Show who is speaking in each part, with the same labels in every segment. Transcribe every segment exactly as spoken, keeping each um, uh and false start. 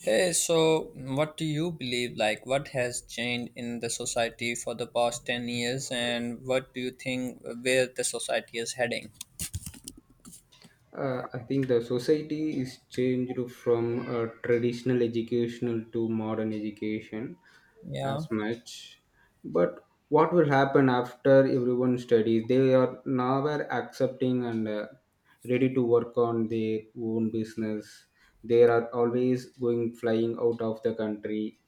Speaker 1: Hey, so what do you believe? Like, what has changed in the society for the past 10 years, and what do you think, uh, where the society is heading?
Speaker 2: Uh, I think the society is changed from uh, traditional educational to modern education
Speaker 1: Yeah,
Speaker 2: as much. But what will happen after everyone studies? They are now are accepting and uh, ready to work on their own business. They are always going flying out of the country.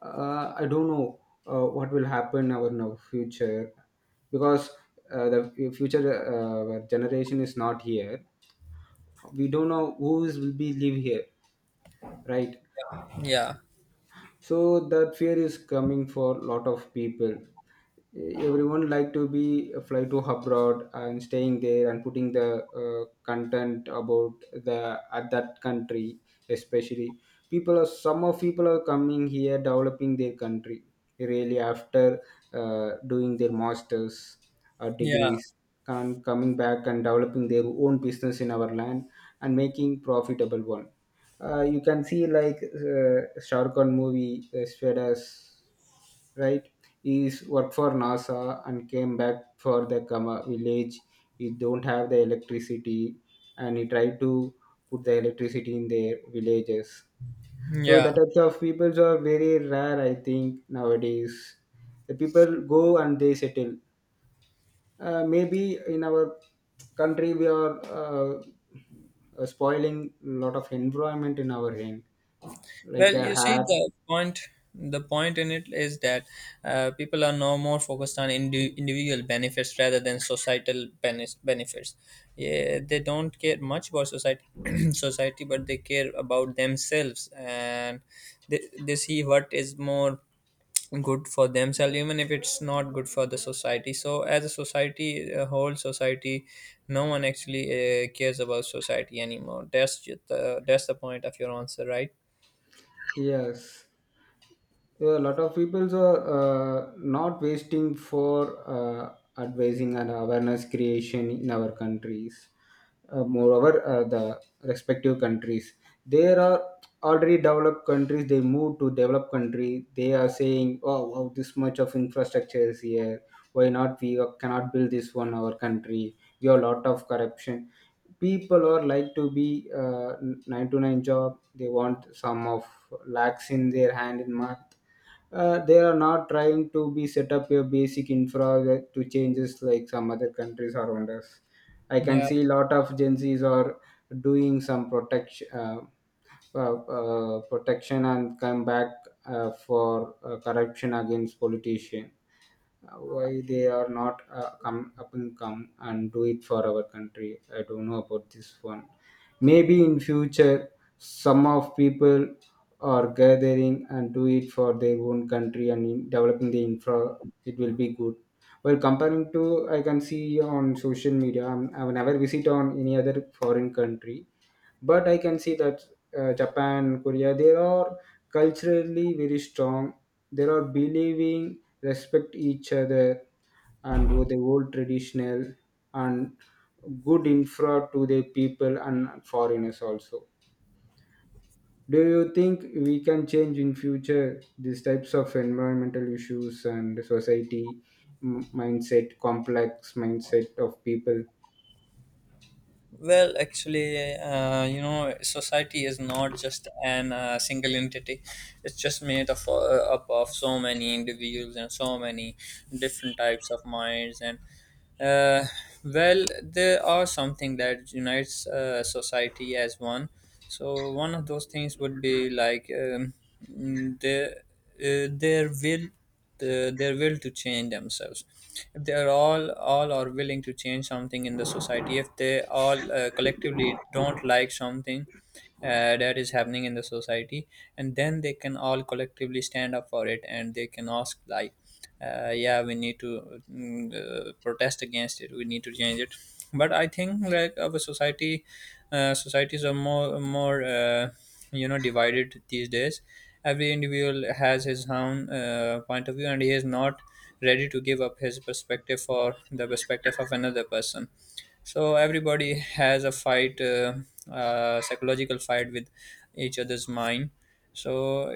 Speaker 2: Uh, I don't know uh, what will happen our now future because uh, the future uh, generation is not here. We don't know who's will be live here, right?
Speaker 1: yeah,
Speaker 2: So that fear is coming for a lot of people. Eh, everyone like to be uh, fly to abroad and staying there and putting the uh, content about the at that country, especially people are some of people are coming here developing their country really after uh, doing their masters or
Speaker 1: yeah,
Speaker 2: degrees and coming back and developing their own business in our land and making profitable one. Uh, you can see like uh, Sharkon movie uh, Svedas, right? He's worked for NASA and came back for the Kama village. We don't have the electricity, and he tried to put the electricity in their villages. So the
Speaker 1: yeah.
Speaker 2: types of peoples are very rare, I think, nowadays. The people go and they settle. Uh, maybe in our country we are uh, uh, spoiling a lot of environment in our hand like
Speaker 1: Well,
Speaker 2: a
Speaker 1: you see
Speaker 2: hair.
Speaker 1: the point. The point in it is that, uh, people are no more focused on indi- individual benefits rather than societal bene- benefits. Yeah, they don't care much about society, society, but they care about themselves, and they, they see what is more good for themselves, even if it's not good for the society. So, as a society a whole society, no one actually uh, cares about society anymore. That's just the, that's the point of your answer, right?
Speaker 2: Yes. Yeah, a lot of people are uh, not wasting for uh, advising and awareness creation in our countries. Uh, moreover, uh, the respective countries, there are already developed countries. They move to developed country. They are saying, "Oh, wow, this much of infrastructure is here. Why not we cannot build this one our country? We have a lot of corruption." People are like to be uh, nine to nine job. They want some of lakhs in their hand in month. Uh, they are not trying to be set up a basic infra that- to changes like some other countries around us. I can
Speaker 1: Yeah.
Speaker 2: see a lot of Gen Zs are doing some protection, uh, uh, uh, protection and come back uh, for uh, corruption against politician. Uh, Why they are not uh, come up and come and do it for our country? I don't know about this one. Maybe in future some of people are gathering and do it for their own country and in developing the infra, it will be good. Well, comparing to, I can see on social media, I have never visit on any other foreign country, but I can see that uh, Japan, Korea, they are culturally very strong. They are believing respect each other, and with the old traditional and good infra to the people and foreigners also. Do you think we can change in future these types of environmental issues and society, m- mindset, complex mindset of people?
Speaker 1: Well, actually, uh, you know, society is not just an uh, single entity. It's just made of uh, up of so many individuals and so many different types of minds. And, uh, well, there are something that unites uh, society as one. So, one of those things would be like, um, mm, the uh, their will the, their will to change themselves, if they are all all are willing to change something in the society, if they all uh, collectively don't like something, uh, that is happening in the society, and then they can all collectively stand up for it, and they can ask like, uh, yeah, we need to mm, uh, protest against it, we need to change it. But I think like, our society uh, societies are more more uh, you know, divided these days. Every individual has his own uh, point of view, and he is not ready to give up his perspective for the perspective of another person. So everybody has a fight, uh, uh, psychological fight with each other's mind. So,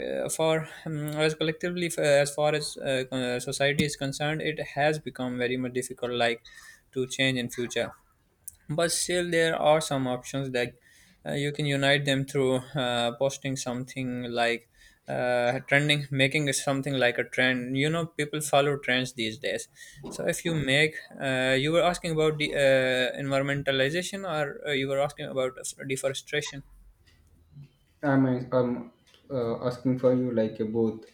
Speaker 1: uh, for, um, as collectively, f- as far as uh, uh, society is concerned, it has become very much difficult, like, to change in future. But still there are some options, that uh, you can unite them through uh, posting something, like uh, trending, making it something like a trend. You know, people follow trends these days. So, if you make uh, you were asking about the uh, environmentalization, or uh, you were asking about deforestation.
Speaker 2: I'm, I'm uh, asking for you like uh, both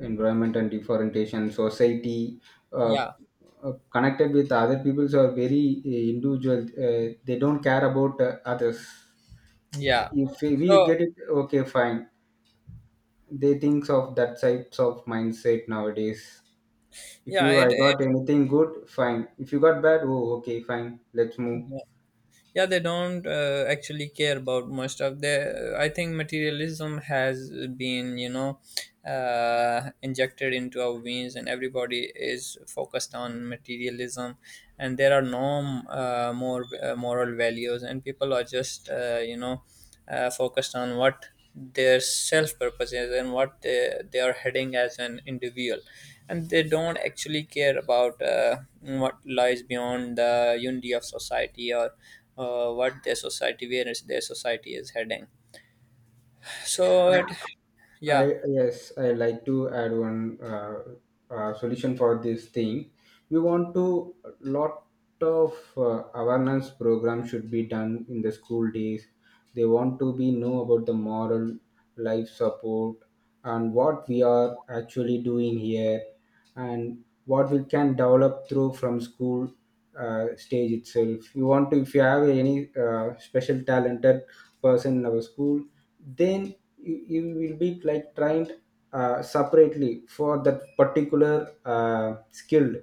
Speaker 2: environment and differentiation, society, uh,
Speaker 1: Yeah,
Speaker 2: uh, connected with other people, so are very uh, individual. Uh, they don't care about uh, others.
Speaker 1: yeah.
Speaker 2: If we we
Speaker 1: So,
Speaker 2: get it, okay, fine. They think of that types of mindset nowadays. If
Speaker 1: yeah
Speaker 2: you
Speaker 1: it,
Speaker 2: I got anything good, fine. If you got bad, oh, okay, fine. Let's move.
Speaker 1: yeah, they don't uh, actually care about much stuff. They I think materialism has been, you know, uh, injected into our veins, and everybody is focused on materialism, and there are no uh, more uh, moral values, and people are just, uh, you know, uh, focused on what their self purpose is, and what they, they are heading as an individual. And they don't actually care about uh, what lies beyond the unity of society, or uh, what their society where is their society is heading. So it, yeah,
Speaker 2: I yes, I like to add one uh, uh, solution for this thing. We want to lot of uh, awareness program should be done in the school days. They want to be know about the moral life support and what we are actually doing here and what we can develop through from school uh, stage itself. You want to if you have any uh, special talented person in our school, then you, you will be like trained uh, separately for that particular uh, skill.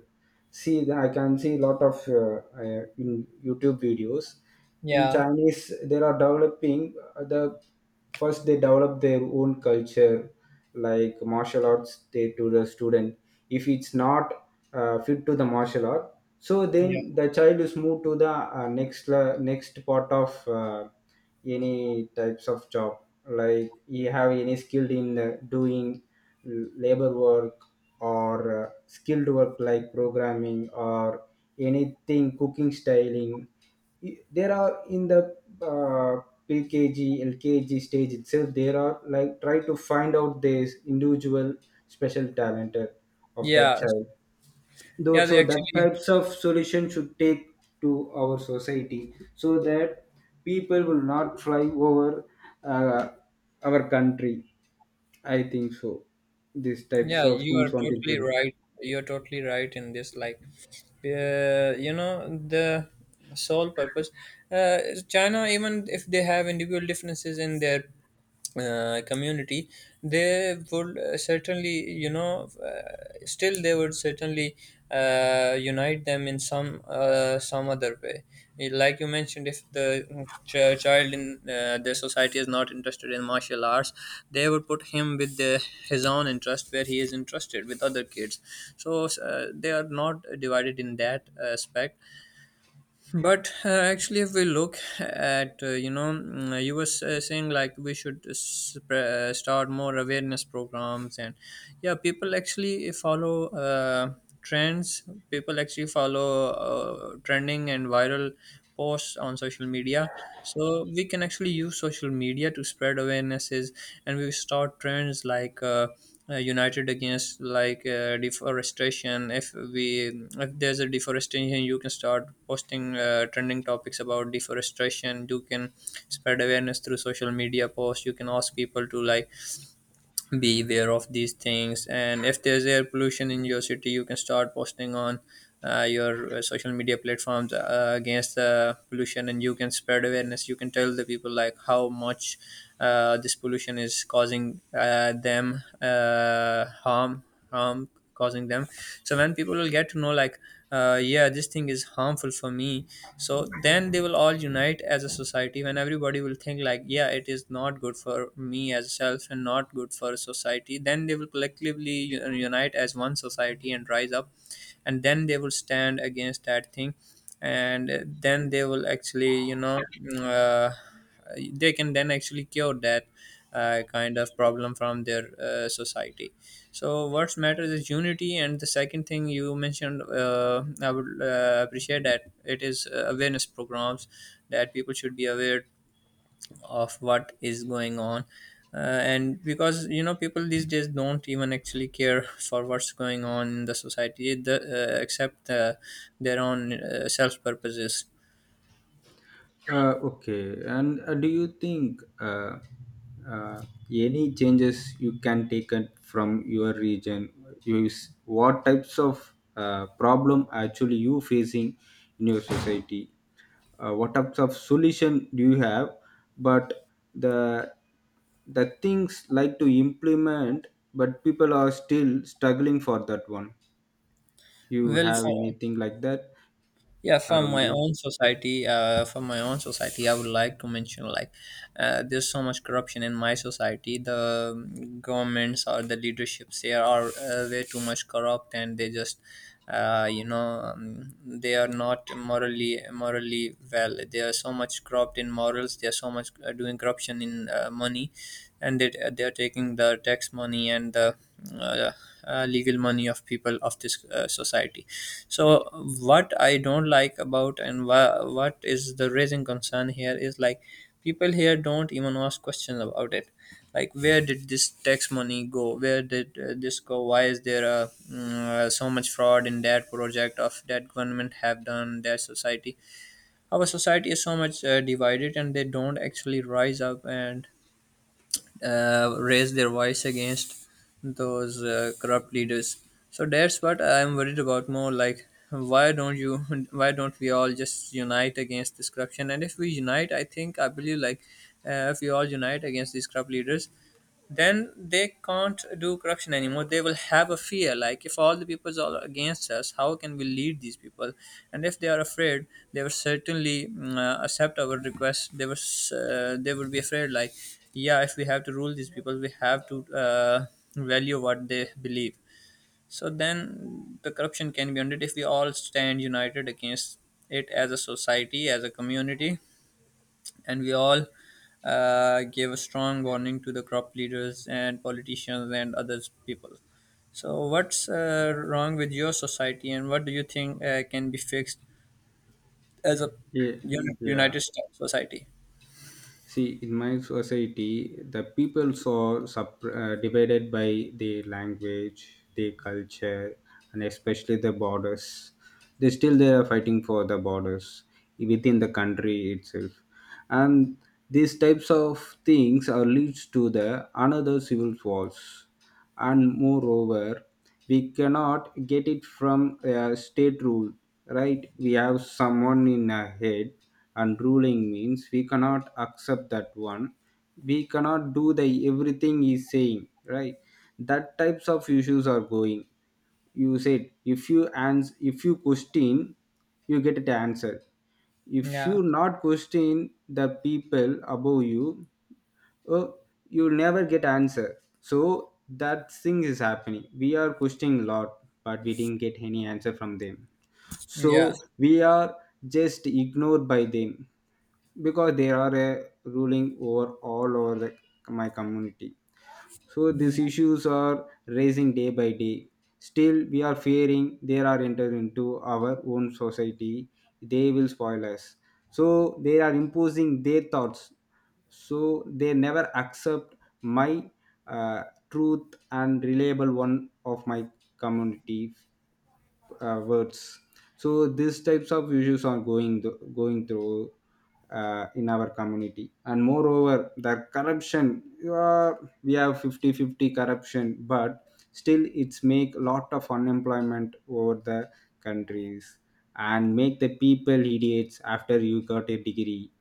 Speaker 2: See, I can see a lot of uh, uh, in YouTube videos, in
Speaker 1: yeah,
Speaker 2: Chinese, they are developing uh, the first they develop their own culture like martial arts they to the student. If it's not uh, fit to the martial art, so
Speaker 1: yeah,
Speaker 2: then the child is moved to the uh, next le- next part of uh, any types of job. Like you have any skilled in uh, doing l- labor work or uh, skilled work like programming or anything, cooking, styling. I- there are in the uh, P K G, L K G stage itself, there are like try to find out this individual special talent of that
Speaker 1: yeah. So,
Speaker 2: child. Though,
Speaker 1: yeah, they
Speaker 2: so that
Speaker 1: actually.
Speaker 2: types of solution should take to our society so that people will not fly over uh, our country. I think so. These types
Speaker 1: Yeah,
Speaker 2: of
Speaker 1: you are
Speaker 2: things want to
Speaker 1: totally
Speaker 2: implement.
Speaker 1: right. You're totally right in this. Like, uh, you know, the sole purpose. Uh, China, even if they have individual differences in their uh, community, they would uh, certainly, you know, uh, still they would certainly uh, unite them in some uh, some other way. Like you mentioned, if the ch- child in uh, their society is not interested in martial arts, they would put him with the, his own interest, where he is interested with other kids. So uh, they are not divided in that uh, aspect. But uh, actually, if we look at, uh, you know, mm, you were s- uh, saying like we should sp- start more awareness programs, and yeah, people actually follow uh, trends. People actually follow uh, trending and viral posts on social media. So we can actually use social media to spread awarenesses, and we start trends like, uh, uh, united against, like uh, deforestation. if we if there's a deforestation, you can start posting uh, trending topics about deforestation. You can spread awareness through social media posts. You can ask people to, like, beware of these things. And if there's air pollution in your city, you can start posting on uh, your uh, social media platforms uh, against the pollution, and you can spread awareness. You can tell the people like, how much uh, this pollution is causing uh, them uh, harm harm causing them So when people will get to know like, uh, yeah, this thing is harmful for me, so then they will all unite as a society. When everybody will think like, yeah, it is not good for me as self and not good for society, then they will collectively u- unite as one society and rise up, and then they will stand against that thing. And uh, then they will actually, you know, mm, uh, they can then actually cure that uh, kind of problem from their uh, society. So what matters is unity. And the second thing you mentioned, uh, I would uh, appreciate, that it is uh, awareness programs, that people should be aware of what is going on, uh, and because, you know, people these days don't even actually care for what's going on in the society, the, uh, except uh, their own uh, self purposes.
Speaker 2: Uh, okay, and uh, do you think uh, uh, any changes you can take it from your region? Use what types of uh, problem actually you facing in your society? Uh, what types of solution do you have? But the the things like to implement, but people are still struggling for that one. You
Speaker 1: Well,
Speaker 2: have
Speaker 1: for,
Speaker 2: anything like that
Speaker 1: yeah, from
Speaker 2: around
Speaker 1: my
Speaker 2: you?
Speaker 1: own society, uh, from my own society I would like to mention like, uh, there's so much corruption in my society. The um, governments or the leaderships here are uh, way too much corrupt, and they just uh, you know, um, they are not morally morally well. They are so much corrupt in morals. They are so much uh, doing corruption in uh, money, and they, they are taking the tax money and the uh, uh, legal money of people of this uh, society. So what I don't like about, and wha- what is the raising concern here is like, people here don't even ask questions about it. Like, where did this tax money go? Where did uh, this go? Why is there uh, mm, uh, so much fraud in that project of that government have done their society? Our society is so much uh, divided, and they don't actually rise up and uh, raise their voice against those uh, corrupt leaders. So that's what I'm worried about more. Like, why don't you? Why don't we all just unite against this corruption? And if we unite, I think I believe like, uh, if we all unite against these corrupt leaders, then they can't do corruption anymore. They will have a fear like, if all the peoples are against us, how can we lead these people? And if they are afraid, they will certainly mm, uh, accept our request. They was uh, they would be afraid like, yeah, if we have to rule these people, we have to uh, value what they believe. So then the corruption can be ended, if we all stand united against it as a society, as a community, and we all uh, gave a strong warning to the crop leaders and politicians and other people. So, what's uh, wrong with your society, and what do you think uh, can be fixed as a
Speaker 2: Yeah,
Speaker 1: un-
Speaker 2: yeah.
Speaker 1: United States society?
Speaker 2: See, in my society, the peoples are sub- uh, divided by their language, their culture, and especially the borders. They still they are fighting for the borders within the country itself, and these types of things are leads to the another civil wars. And moreover, we cannot get it from a state rule, right? We have someone in a head and ruling means we cannot accept that one. We cannot do the everything he's saying, right? That types of issues are going. You said if you ans if you question, you get the answer. If
Speaker 1: Yeah,
Speaker 2: you not question the people above you, oh, you'll never get answer. So that thing is happening. We are questioning a lot, but we didn't get any answer from them, so
Speaker 1: yeah,
Speaker 2: we are just ignored by them because they are a ruling over all over the my community. So these issues are rising day by day. Still, we are fearing they are entered into our own society. They will spoil us. So they are imposing their thoughts. So they never accept my uh, truth and reliable one of my community uh, words. So these types of issues are going th- going through uh, in our community, and moreover, the corruption. You are we have fifty fifty corruption, but still it's make a lot of unemployment over the countries and make the people idiots after you got a degree.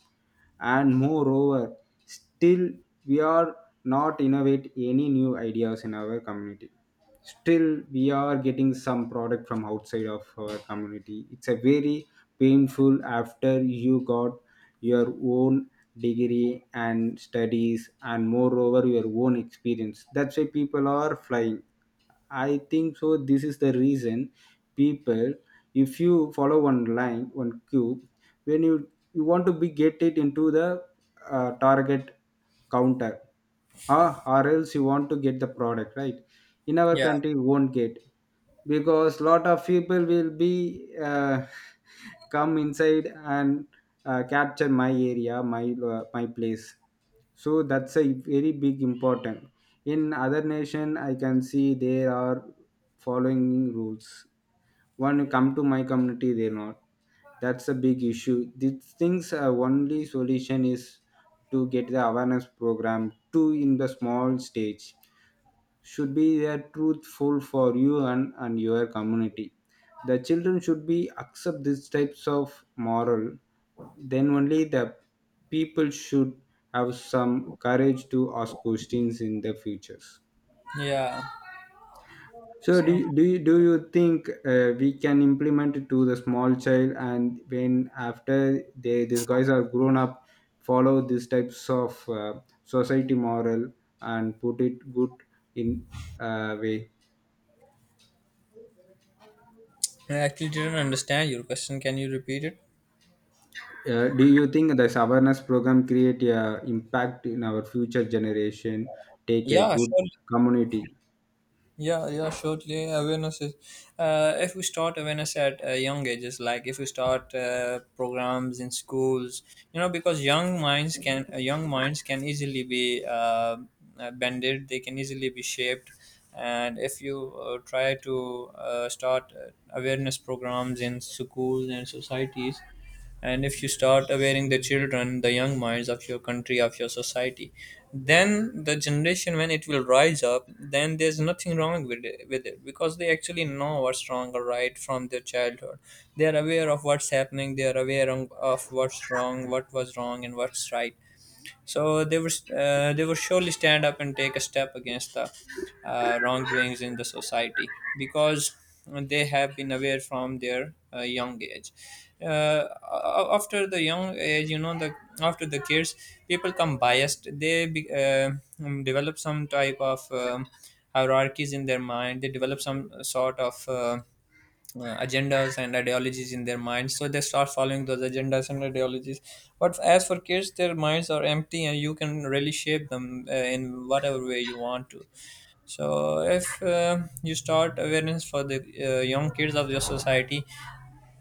Speaker 2: And moreover, still we are not innovate any new ideas in our community. Still we are getting some product from outside of our community. It's a very painful after you got your own degree and studies, and moreover your own experience. That's why people are flying. I think so this is the reason. People, if you follow one line, one cube, when you you want to be get it into the uh, target counter, ah, or else you want to get the product, right? In our
Speaker 1: yeah,
Speaker 2: country you won't get, because lot of people will be uh, come inside and uh, capture my area, my uh, my place. So that's a very big important. In other nation I can see there are following rules. When you come to my community, they're not. That's a big issue. These things, uh, only solution is to get the awareness program to in the small stage. Should be there truthful for you and, and your community. The children should be accept these types of moral. Then only the people should have some courage to ask questions in the futures.
Speaker 1: yeah.
Speaker 2: So do
Speaker 1: So,
Speaker 2: you, do you, do you think uh, we can implement it to the small child and when after they these guys are grown up follow these types of uh, society moral and put it good in uh, way?
Speaker 1: I actually didn't understand your question. Can you repeat it?
Speaker 2: Uh, do you think this awareness program create a impact in our future generation, take a
Speaker 1: Yeah,
Speaker 2: good
Speaker 1: sure.
Speaker 2: community?
Speaker 1: Yeah, yeah, shortly awareness is. Uh, if we start awareness at uh, young ages, like if we start uh, programs in schools, you know, because young minds can uh, young minds can easily be uh, uh, bended. They can easily be shaped, and if you uh, try to uh, start uh, awareness programs in schools and societies, and if you start awareing the children, the young minds of your country, of your society, then the generation, when it will rise up, then there's nothing wrong with it, with it because they actually know what's wrong or right from their childhood. They are aware of what's happening. They are aware on- of what's wrong what was wrong and what's right. So they were uh, they will surely stand up and take a step against the uh, wrongdoings in the society, because they have been aware from their uh, young age. Uh, a- after the young age, you know, the after the kids, people come biased. They be, uh, um, develop some type of um, hierarchies in their mind. They develop some sort of uh, uh, agendas and ideologies in their minds, so they start following those agendas and ideologies. But as for kids, their minds are empty, and you can really shape them uh, in whatever way you want to. So if uh, you start awareness for the uh, young kids of your society,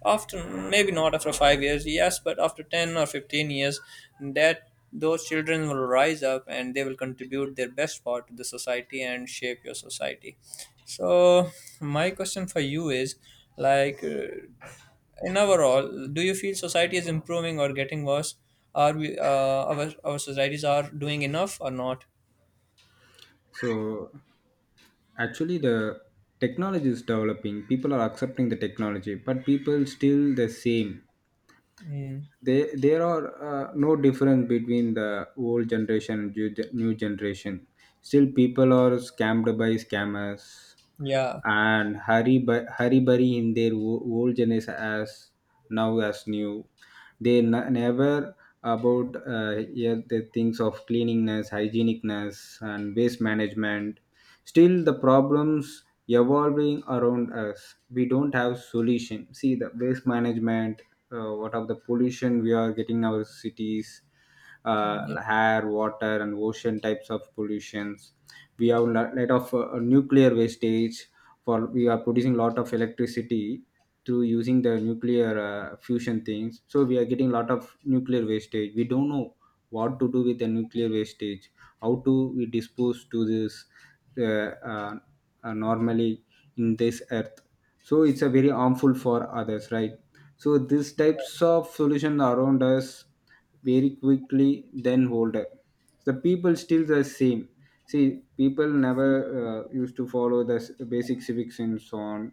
Speaker 1: after, maybe not after five years, yes, but after ten or fifteen years, that those children will rise up, and they will contribute their best part to the society and shape your society. So, my question for you is like, uh, in overall, do you feel society is improving or getting worse? Are we uh, our our societies are doing enough or not?
Speaker 2: So actually the technology is developing. People are accepting the technology, but people still the same.
Speaker 1: Mm,
Speaker 2: They there are uh, no difference between the old generation and new gen- new generation. Still people are scammed by scammers
Speaker 1: yeah,
Speaker 2: and hurry by hurry bury in their o- old generation as now as new. They n- never about uh, yeah, the things of cleanliness, hygienicness, and waste management. Still the problems evolving around us. We don't have solution. See the waste management, uh, what of the pollution we are getting in our cities, uh,
Speaker 1: yeah.
Speaker 2: air, water, and ocean types of pollutions. We have a lot of uh, nuclear wastage, for we are producing lot of electricity through using the nuclear uh, fusion things. So we are getting lot of nuclear wastage. We don't know what to do with the nuclear wastage, how to we dispose to this uh, uh, uh, normally in this earth. So it's a very harmful for others, right? So these types of solutions around us very quickly then older, the people still the same. See people never uh, used to follow the s- basic civics and so on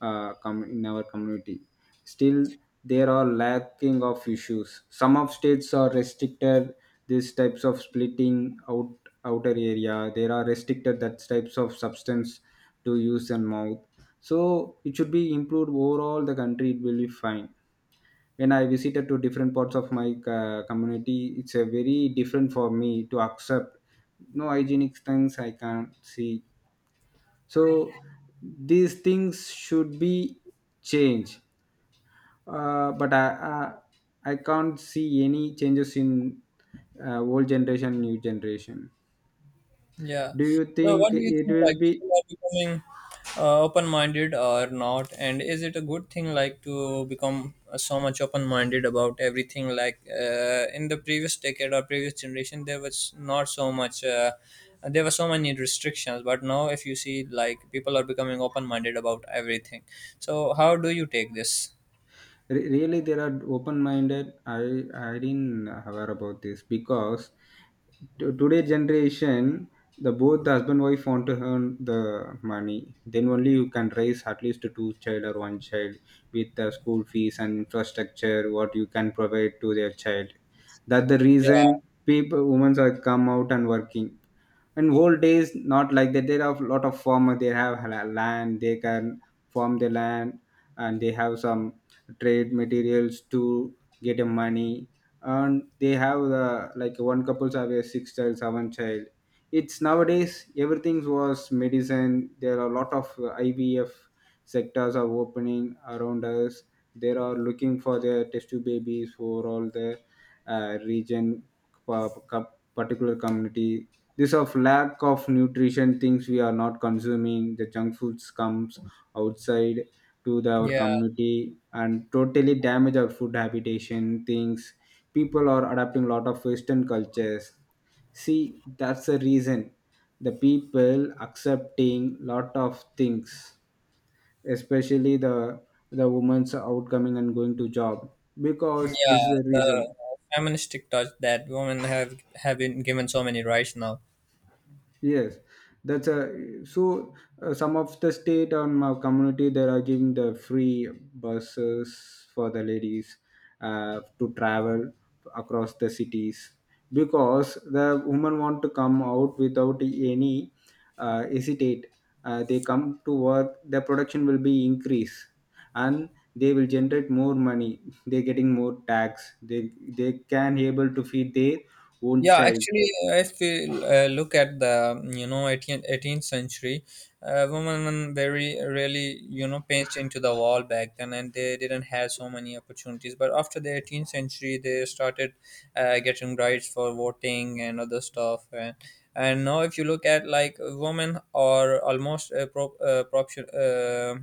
Speaker 2: uh, com- in our community. Still, there are lacking of issues. Some of states are restricted these types of splitting out outer area. There are restricted that types of substance to use and mouth. So it should be improved overall. The country it will be fine. When I visited to different parts of my uh, community, it's a very different for me to accept. No hygienic things I can't see. So these things should be changed, uh, but I, I I can't see any changes in uh, old generation, new generation.
Speaker 1: Yeah.
Speaker 2: Do you
Speaker 1: So, what
Speaker 2: think
Speaker 1: do you
Speaker 2: it
Speaker 1: think?
Speaker 2: will
Speaker 1: Like,
Speaker 2: be
Speaker 1: people are becoming uh, open-minded or not? And is it a good thing, like, to become uh, so much open-minded about everything? Like, uh, in the previous decade or previous generation, there was not so much. Uh, there were so many restrictions, but now, if you see, like, people are becoming open-minded about everything. So, how do you take this?
Speaker 2: re- really? There are open minded. I I didn't aware about this because to today generation the both the husband wife want to earn the money, then only you can raise at least two child or one child with the school fees and infrastructure what you can provide to their child. That the reason
Speaker 1: Yeah,
Speaker 2: people women are come out and working. And old days not like that. There are a lot of farmer, they have la- land, they can farm the land and they have some trade materials to get a money. And they have the like one couples have a six child seven child. It's nowadays everything was medicine. There are a lot of uh, ivf sectors are opening around us. They are looking for their test tube babies for all the uh, region, pa- pa- particular community. This of lack of nutrition things, we are not consuming the junk foods comes outside to the, our
Speaker 1: yeah,
Speaker 2: community and totally damage our food habitation things. People are adapting a lot of western cultures. See, that's the reason the people accepting lot of things, especially the the women's outcoming and going to job, because this is
Speaker 1: yeah.
Speaker 2: the
Speaker 1: The
Speaker 2: reason.
Speaker 1: feministic touch that women have have been given so many rights now.
Speaker 2: Yes, that's a so uh, some of the state or my community they are giving the free buses for the ladies uh, to travel across the cities, because the women want to come out without any uh, hesitate. Uh, they come to work. The production will be increase and they will generate more money. They're getting more tax. They they can able to feed their own
Speaker 1: Yeah,
Speaker 2: child.
Speaker 1: actually, if we uh, look at the mm, you know eighteenth eighteenth century, uh, women very really you know pinched into the wall back then, and they didn't have so many opportunities. But after the eighteenth century, they started uh, getting rights for voting and other stuff. And, and now, if you look at like women are almost uh, pro, uh, propsu- uh,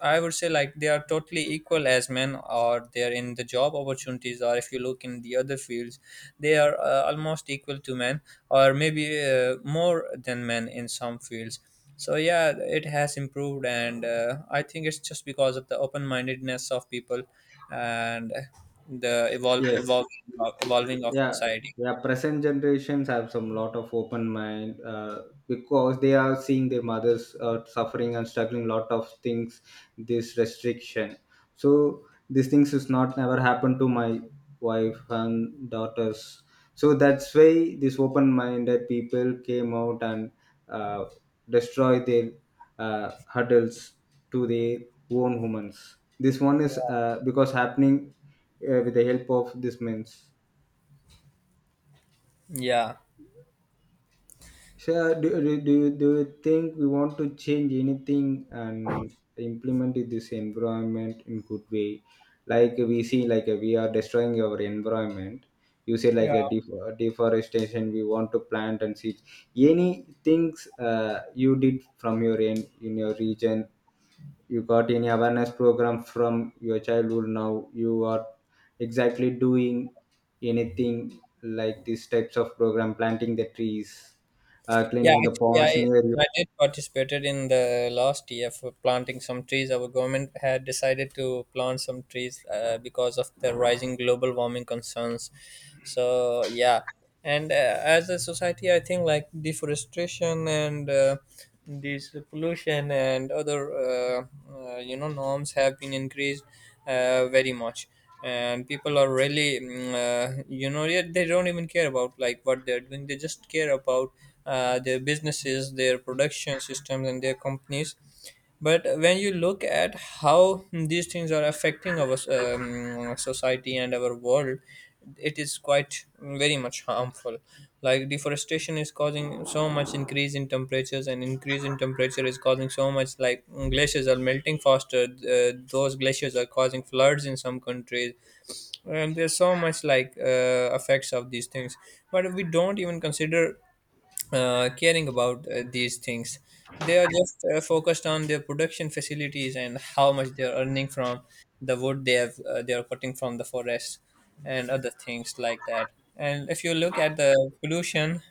Speaker 1: I would say like they are totally equal as men, or they are in the job opportunities, or if you look in the other fields they are uh, almost equal to men, or maybe uh, more than men in some fields. So yeah, it has improved, and uh, I think it's just because of the open-mindedness of people and the evol-
Speaker 2: Yes,
Speaker 1: evolving evolving of
Speaker 2: yeah,
Speaker 1: society.
Speaker 2: yeah, present generations have some lot of open mind, uh, because they are seeing their mothers uh, suffering and struggling lot of things, this restriction. So these things is not never happened to my wife and daughters. So that's why these open-minded people came out and uh, destroy their uh, hurdles to their own humans. This one is uh, because happening uh, with the help of these men's.
Speaker 1: Yeah.
Speaker 2: So, uh, do, do, do, do you think we want to change anything and implement it this environment in good way? Like we see, like we are destroying our environment. You say like a def- uh, deforestation. We want to plant and seeds. Any things uh, you did from your end in your region, you got any awareness program from your childhood, now you are exactly doing anything like these types of program, planting the trees, uh,
Speaker 1: Yeah,
Speaker 2: cleaning the
Speaker 1: actually,
Speaker 2: ponds
Speaker 1: I
Speaker 2: near you?
Speaker 1: I did participated in the last year for planting some trees. Our government had decided to plant some trees uh, because of the rising global warming concerns. So yeah, and uh, as a society, I think like deforestation and uh, this pollution and other uh, uh, you know norms have been increased uh, very much, and people are really mm, uh, you know yet they don't even care about like what they're doing. They just care about uh, their businesses, their production systems, and their companies. But when you look at how these things are affecting our um, society and our world, it is quite very much harmful. Like, deforestation is causing so much increase in temperatures, and increase in temperature is causing so much like glaciers are melting faster. Uh, those glaciers are causing floods in some countries, and there's so much like uh, effects of these things, but we don't even consider uh, caring about uh, these things. They are just uh, focused on their production facilities and how much they are earning from the wood they have uh, they are cutting from the forest, and other things like that. And if you look at the pollution,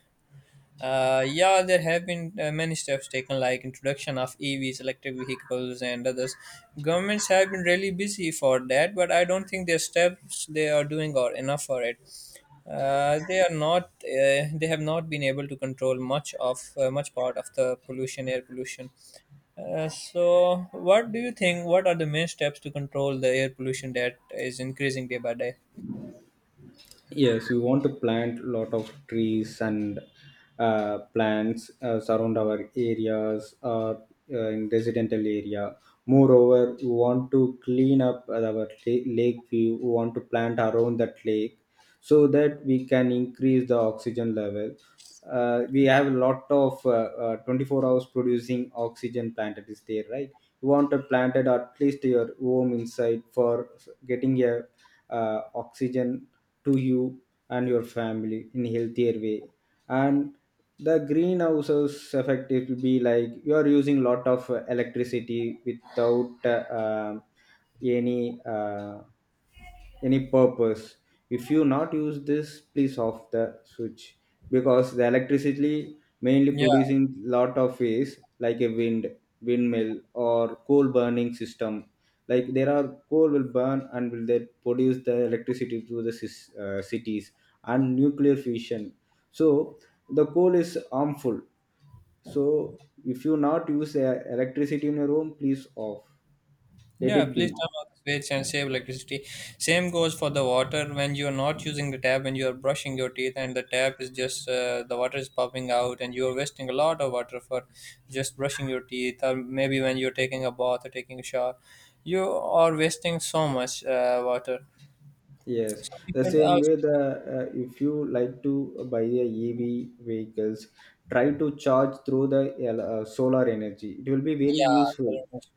Speaker 1: uh, yeah, there have been uh, many steps taken, like introduction of E Vs, electric vehicles, and others. Governments have been really busy for that, but I don't think their steps they are doing are enough for it. Uh, they are not. Uh, they have not been able to control much of uh, much part of the pollution, air pollution. Uh, so, what do you think? What are the main steps to control the air pollution that is increasing day by day?
Speaker 2: Yes, we want to plant a lot of trees and uh, plants uh, surround our areas or uh, in residential area. Moreover, we want to clean up our la- lake view, we want to plant around that lake so that we can increase the oxygen level. Uh, we have a lot of uh, uh, twenty-four hours producing oxygen plant that is there, right? You want a planted that at least your home inside for getting a uh, oxygen to you and your family in healthier way. And the greenhouses effect, it will be like you are using lot of uh, electricity without uh, um any uh, any purpose. If you not use this, please off the switch, because the electricity mainly producing lot of ways like a wind, windmill or coal burning system. Like there are coal will burn and will they produce the electricity to the cis- uh, cities and nuclear fission. So the coal is harmful. So if you not use uh, electricity in your home, please off. Let
Speaker 1: Yeah,
Speaker 2: it
Speaker 1: please
Speaker 2: be.
Speaker 1: turn off the switch and save electricity. Same goes for the water: when you are not using the tap, when you are brushing your teeth, and the tap is just uh, the water is popping out, and you are wasting a lot of water for just brushing your teeth, or maybe when you're taking a bath or taking a shower, you are wasting so much uh, water.
Speaker 2: Yes,
Speaker 1: So we
Speaker 2: the
Speaker 1: should
Speaker 2: same
Speaker 1: also,
Speaker 2: way, the uh, if you like to buy a E V vehicles, try to charge through the uh, uh, solar energy. It will be very
Speaker 1: yeah,
Speaker 2: useful,
Speaker 1: so-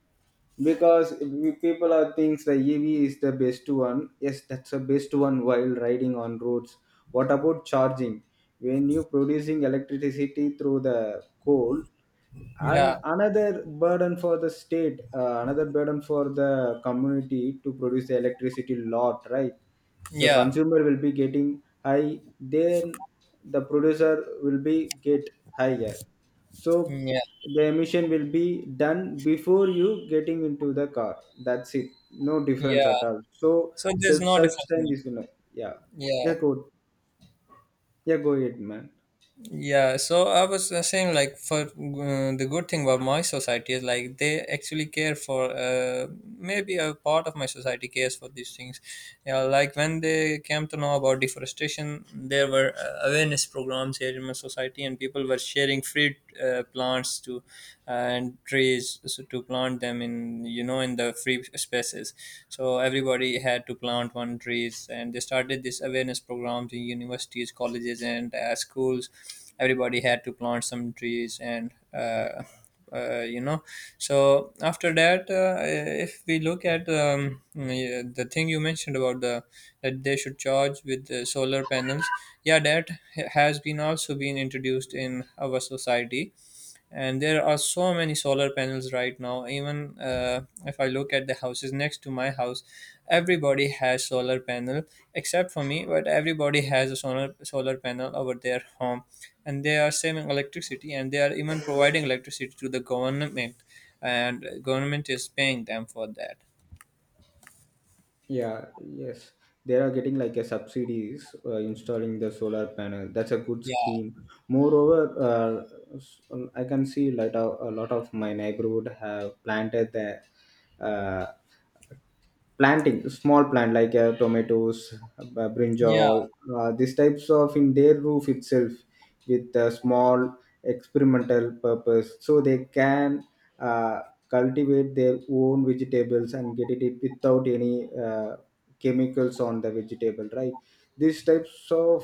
Speaker 2: because we, people are thinks the E V is the best one. Yes, that's the best one while riding on roads. What about charging? When you producing electricity through the coal, and
Speaker 1: yeah,
Speaker 2: another burden for the state, uh, another burden for the community to produce the electricity lot, right? So
Speaker 1: yeah,
Speaker 2: consumer will be getting high, then the producer will be get higher. So
Speaker 1: yeah,
Speaker 2: the emission will be done before you getting into the car. That's it, no difference at
Speaker 1: yeah.
Speaker 2: all. So
Speaker 1: So there's
Speaker 2: self
Speaker 1: no difference. In
Speaker 2: sustain
Speaker 1: it.
Speaker 2: is gonna yeah.
Speaker 1: Yeah.
Speaker 2: Yeah go, yeah go ahead, man.
Speaker 1: Yeah, so I was uh, saying like for uh, the good thing about my society is like they actually care for uh, maybe a part of my society cares for these things. Yeah, like when they came to know about deforestation, there were uh, awareness programs here in my society, and people were sharing free uh, plants to uh, and trees so to plant them in, you know, in the free spaces. So everybody had to plant one trees, and they started this awareness programs in universities, colleges, and uh, schools. Everybody had to plant some trees and uh, uh, you know, so after that, uh, if we look at um, yeah, the thing you mentioned about the that they should charge with the solar panels, yeah, debt has been also been introduced in our society, and there are so many solar panels right now. Even uh, if I look at the houses next to my house, everybody has solar panel except for me, but everybody has a solar solar panel over their home, and they are saving electricity, and they are even providing electricity to the government, and government is paying them for that.
Speaker 2: Yeah, yes. They are getting like a subsidies uh, installing the solar panel. That's a good
Speaker 1: Yeah,
Speaker 2: scheme. Moreover, uh, s- um, I can see like a, a lot of my neighborhood have planted the uh, planting small plant like uh, tomatoes, uh,
Speaker 1: yeah,
Speaker 2: brinjal, uh, these types of in their roof itself with a small experimental purpose, so they can uh, cultivate their own vegetables and get it without any uh, chemicals on the vegetable, right? These types of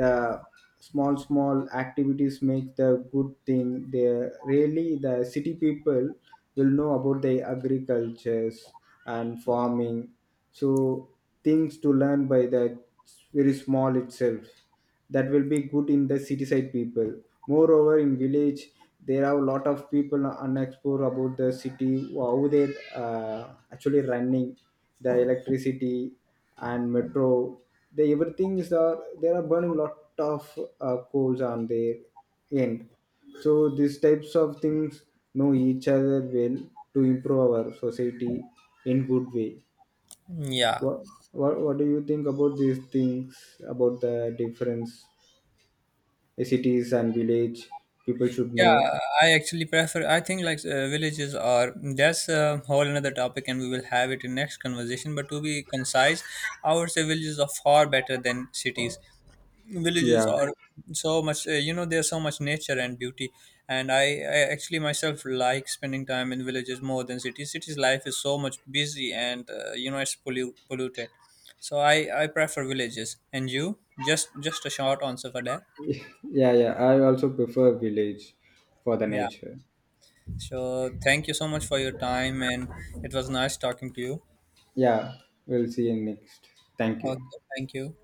Speaker 2: uh, small small activities make the good thing. They really the city people will know about the agriculture and farming. So things to learn by the very small itself, that will be good in the city side people. Moreover in village, there are a lot of people unexplored about the city how they uh, actually running the electricity and metro, the everything is there, there are burning lot of uh, coals on their end. So these types of things know each other well, to improve our society in good way.
Speaker 1: yeah.
Speaker 2: what what, what do you think about these things, about the difference uh, cities and village people should
Speaker 1: Yeah,
Speaker 2: know?
Speaker 1: I actually prefer. I think like uh, villages are that's a whole another topic, and we will have it in next conversation. But to be concise, I would say villages are far better than cities. Villages
Speaker 2: Yeah.
Speaker 1: are so much, uh, you know, there's so much nature and beauty. And I, I actually myself like spending time in villages more than cities. Cities life is so much busy, and uh, you know, it's pollu- polluted. So I, I prefer villages. And you, just just a short answer for that.
Speaker 2: Yeah, yeah I also prefer village for the
Speaker 1: Yeah.
Speaker 2: nature.
Speaker 1: So, thank you so much for your time, and it was nice talking to you.
Speaker 2: Yeah, we'll see you next. Thank you.
Speaker 1: Okay, thank you.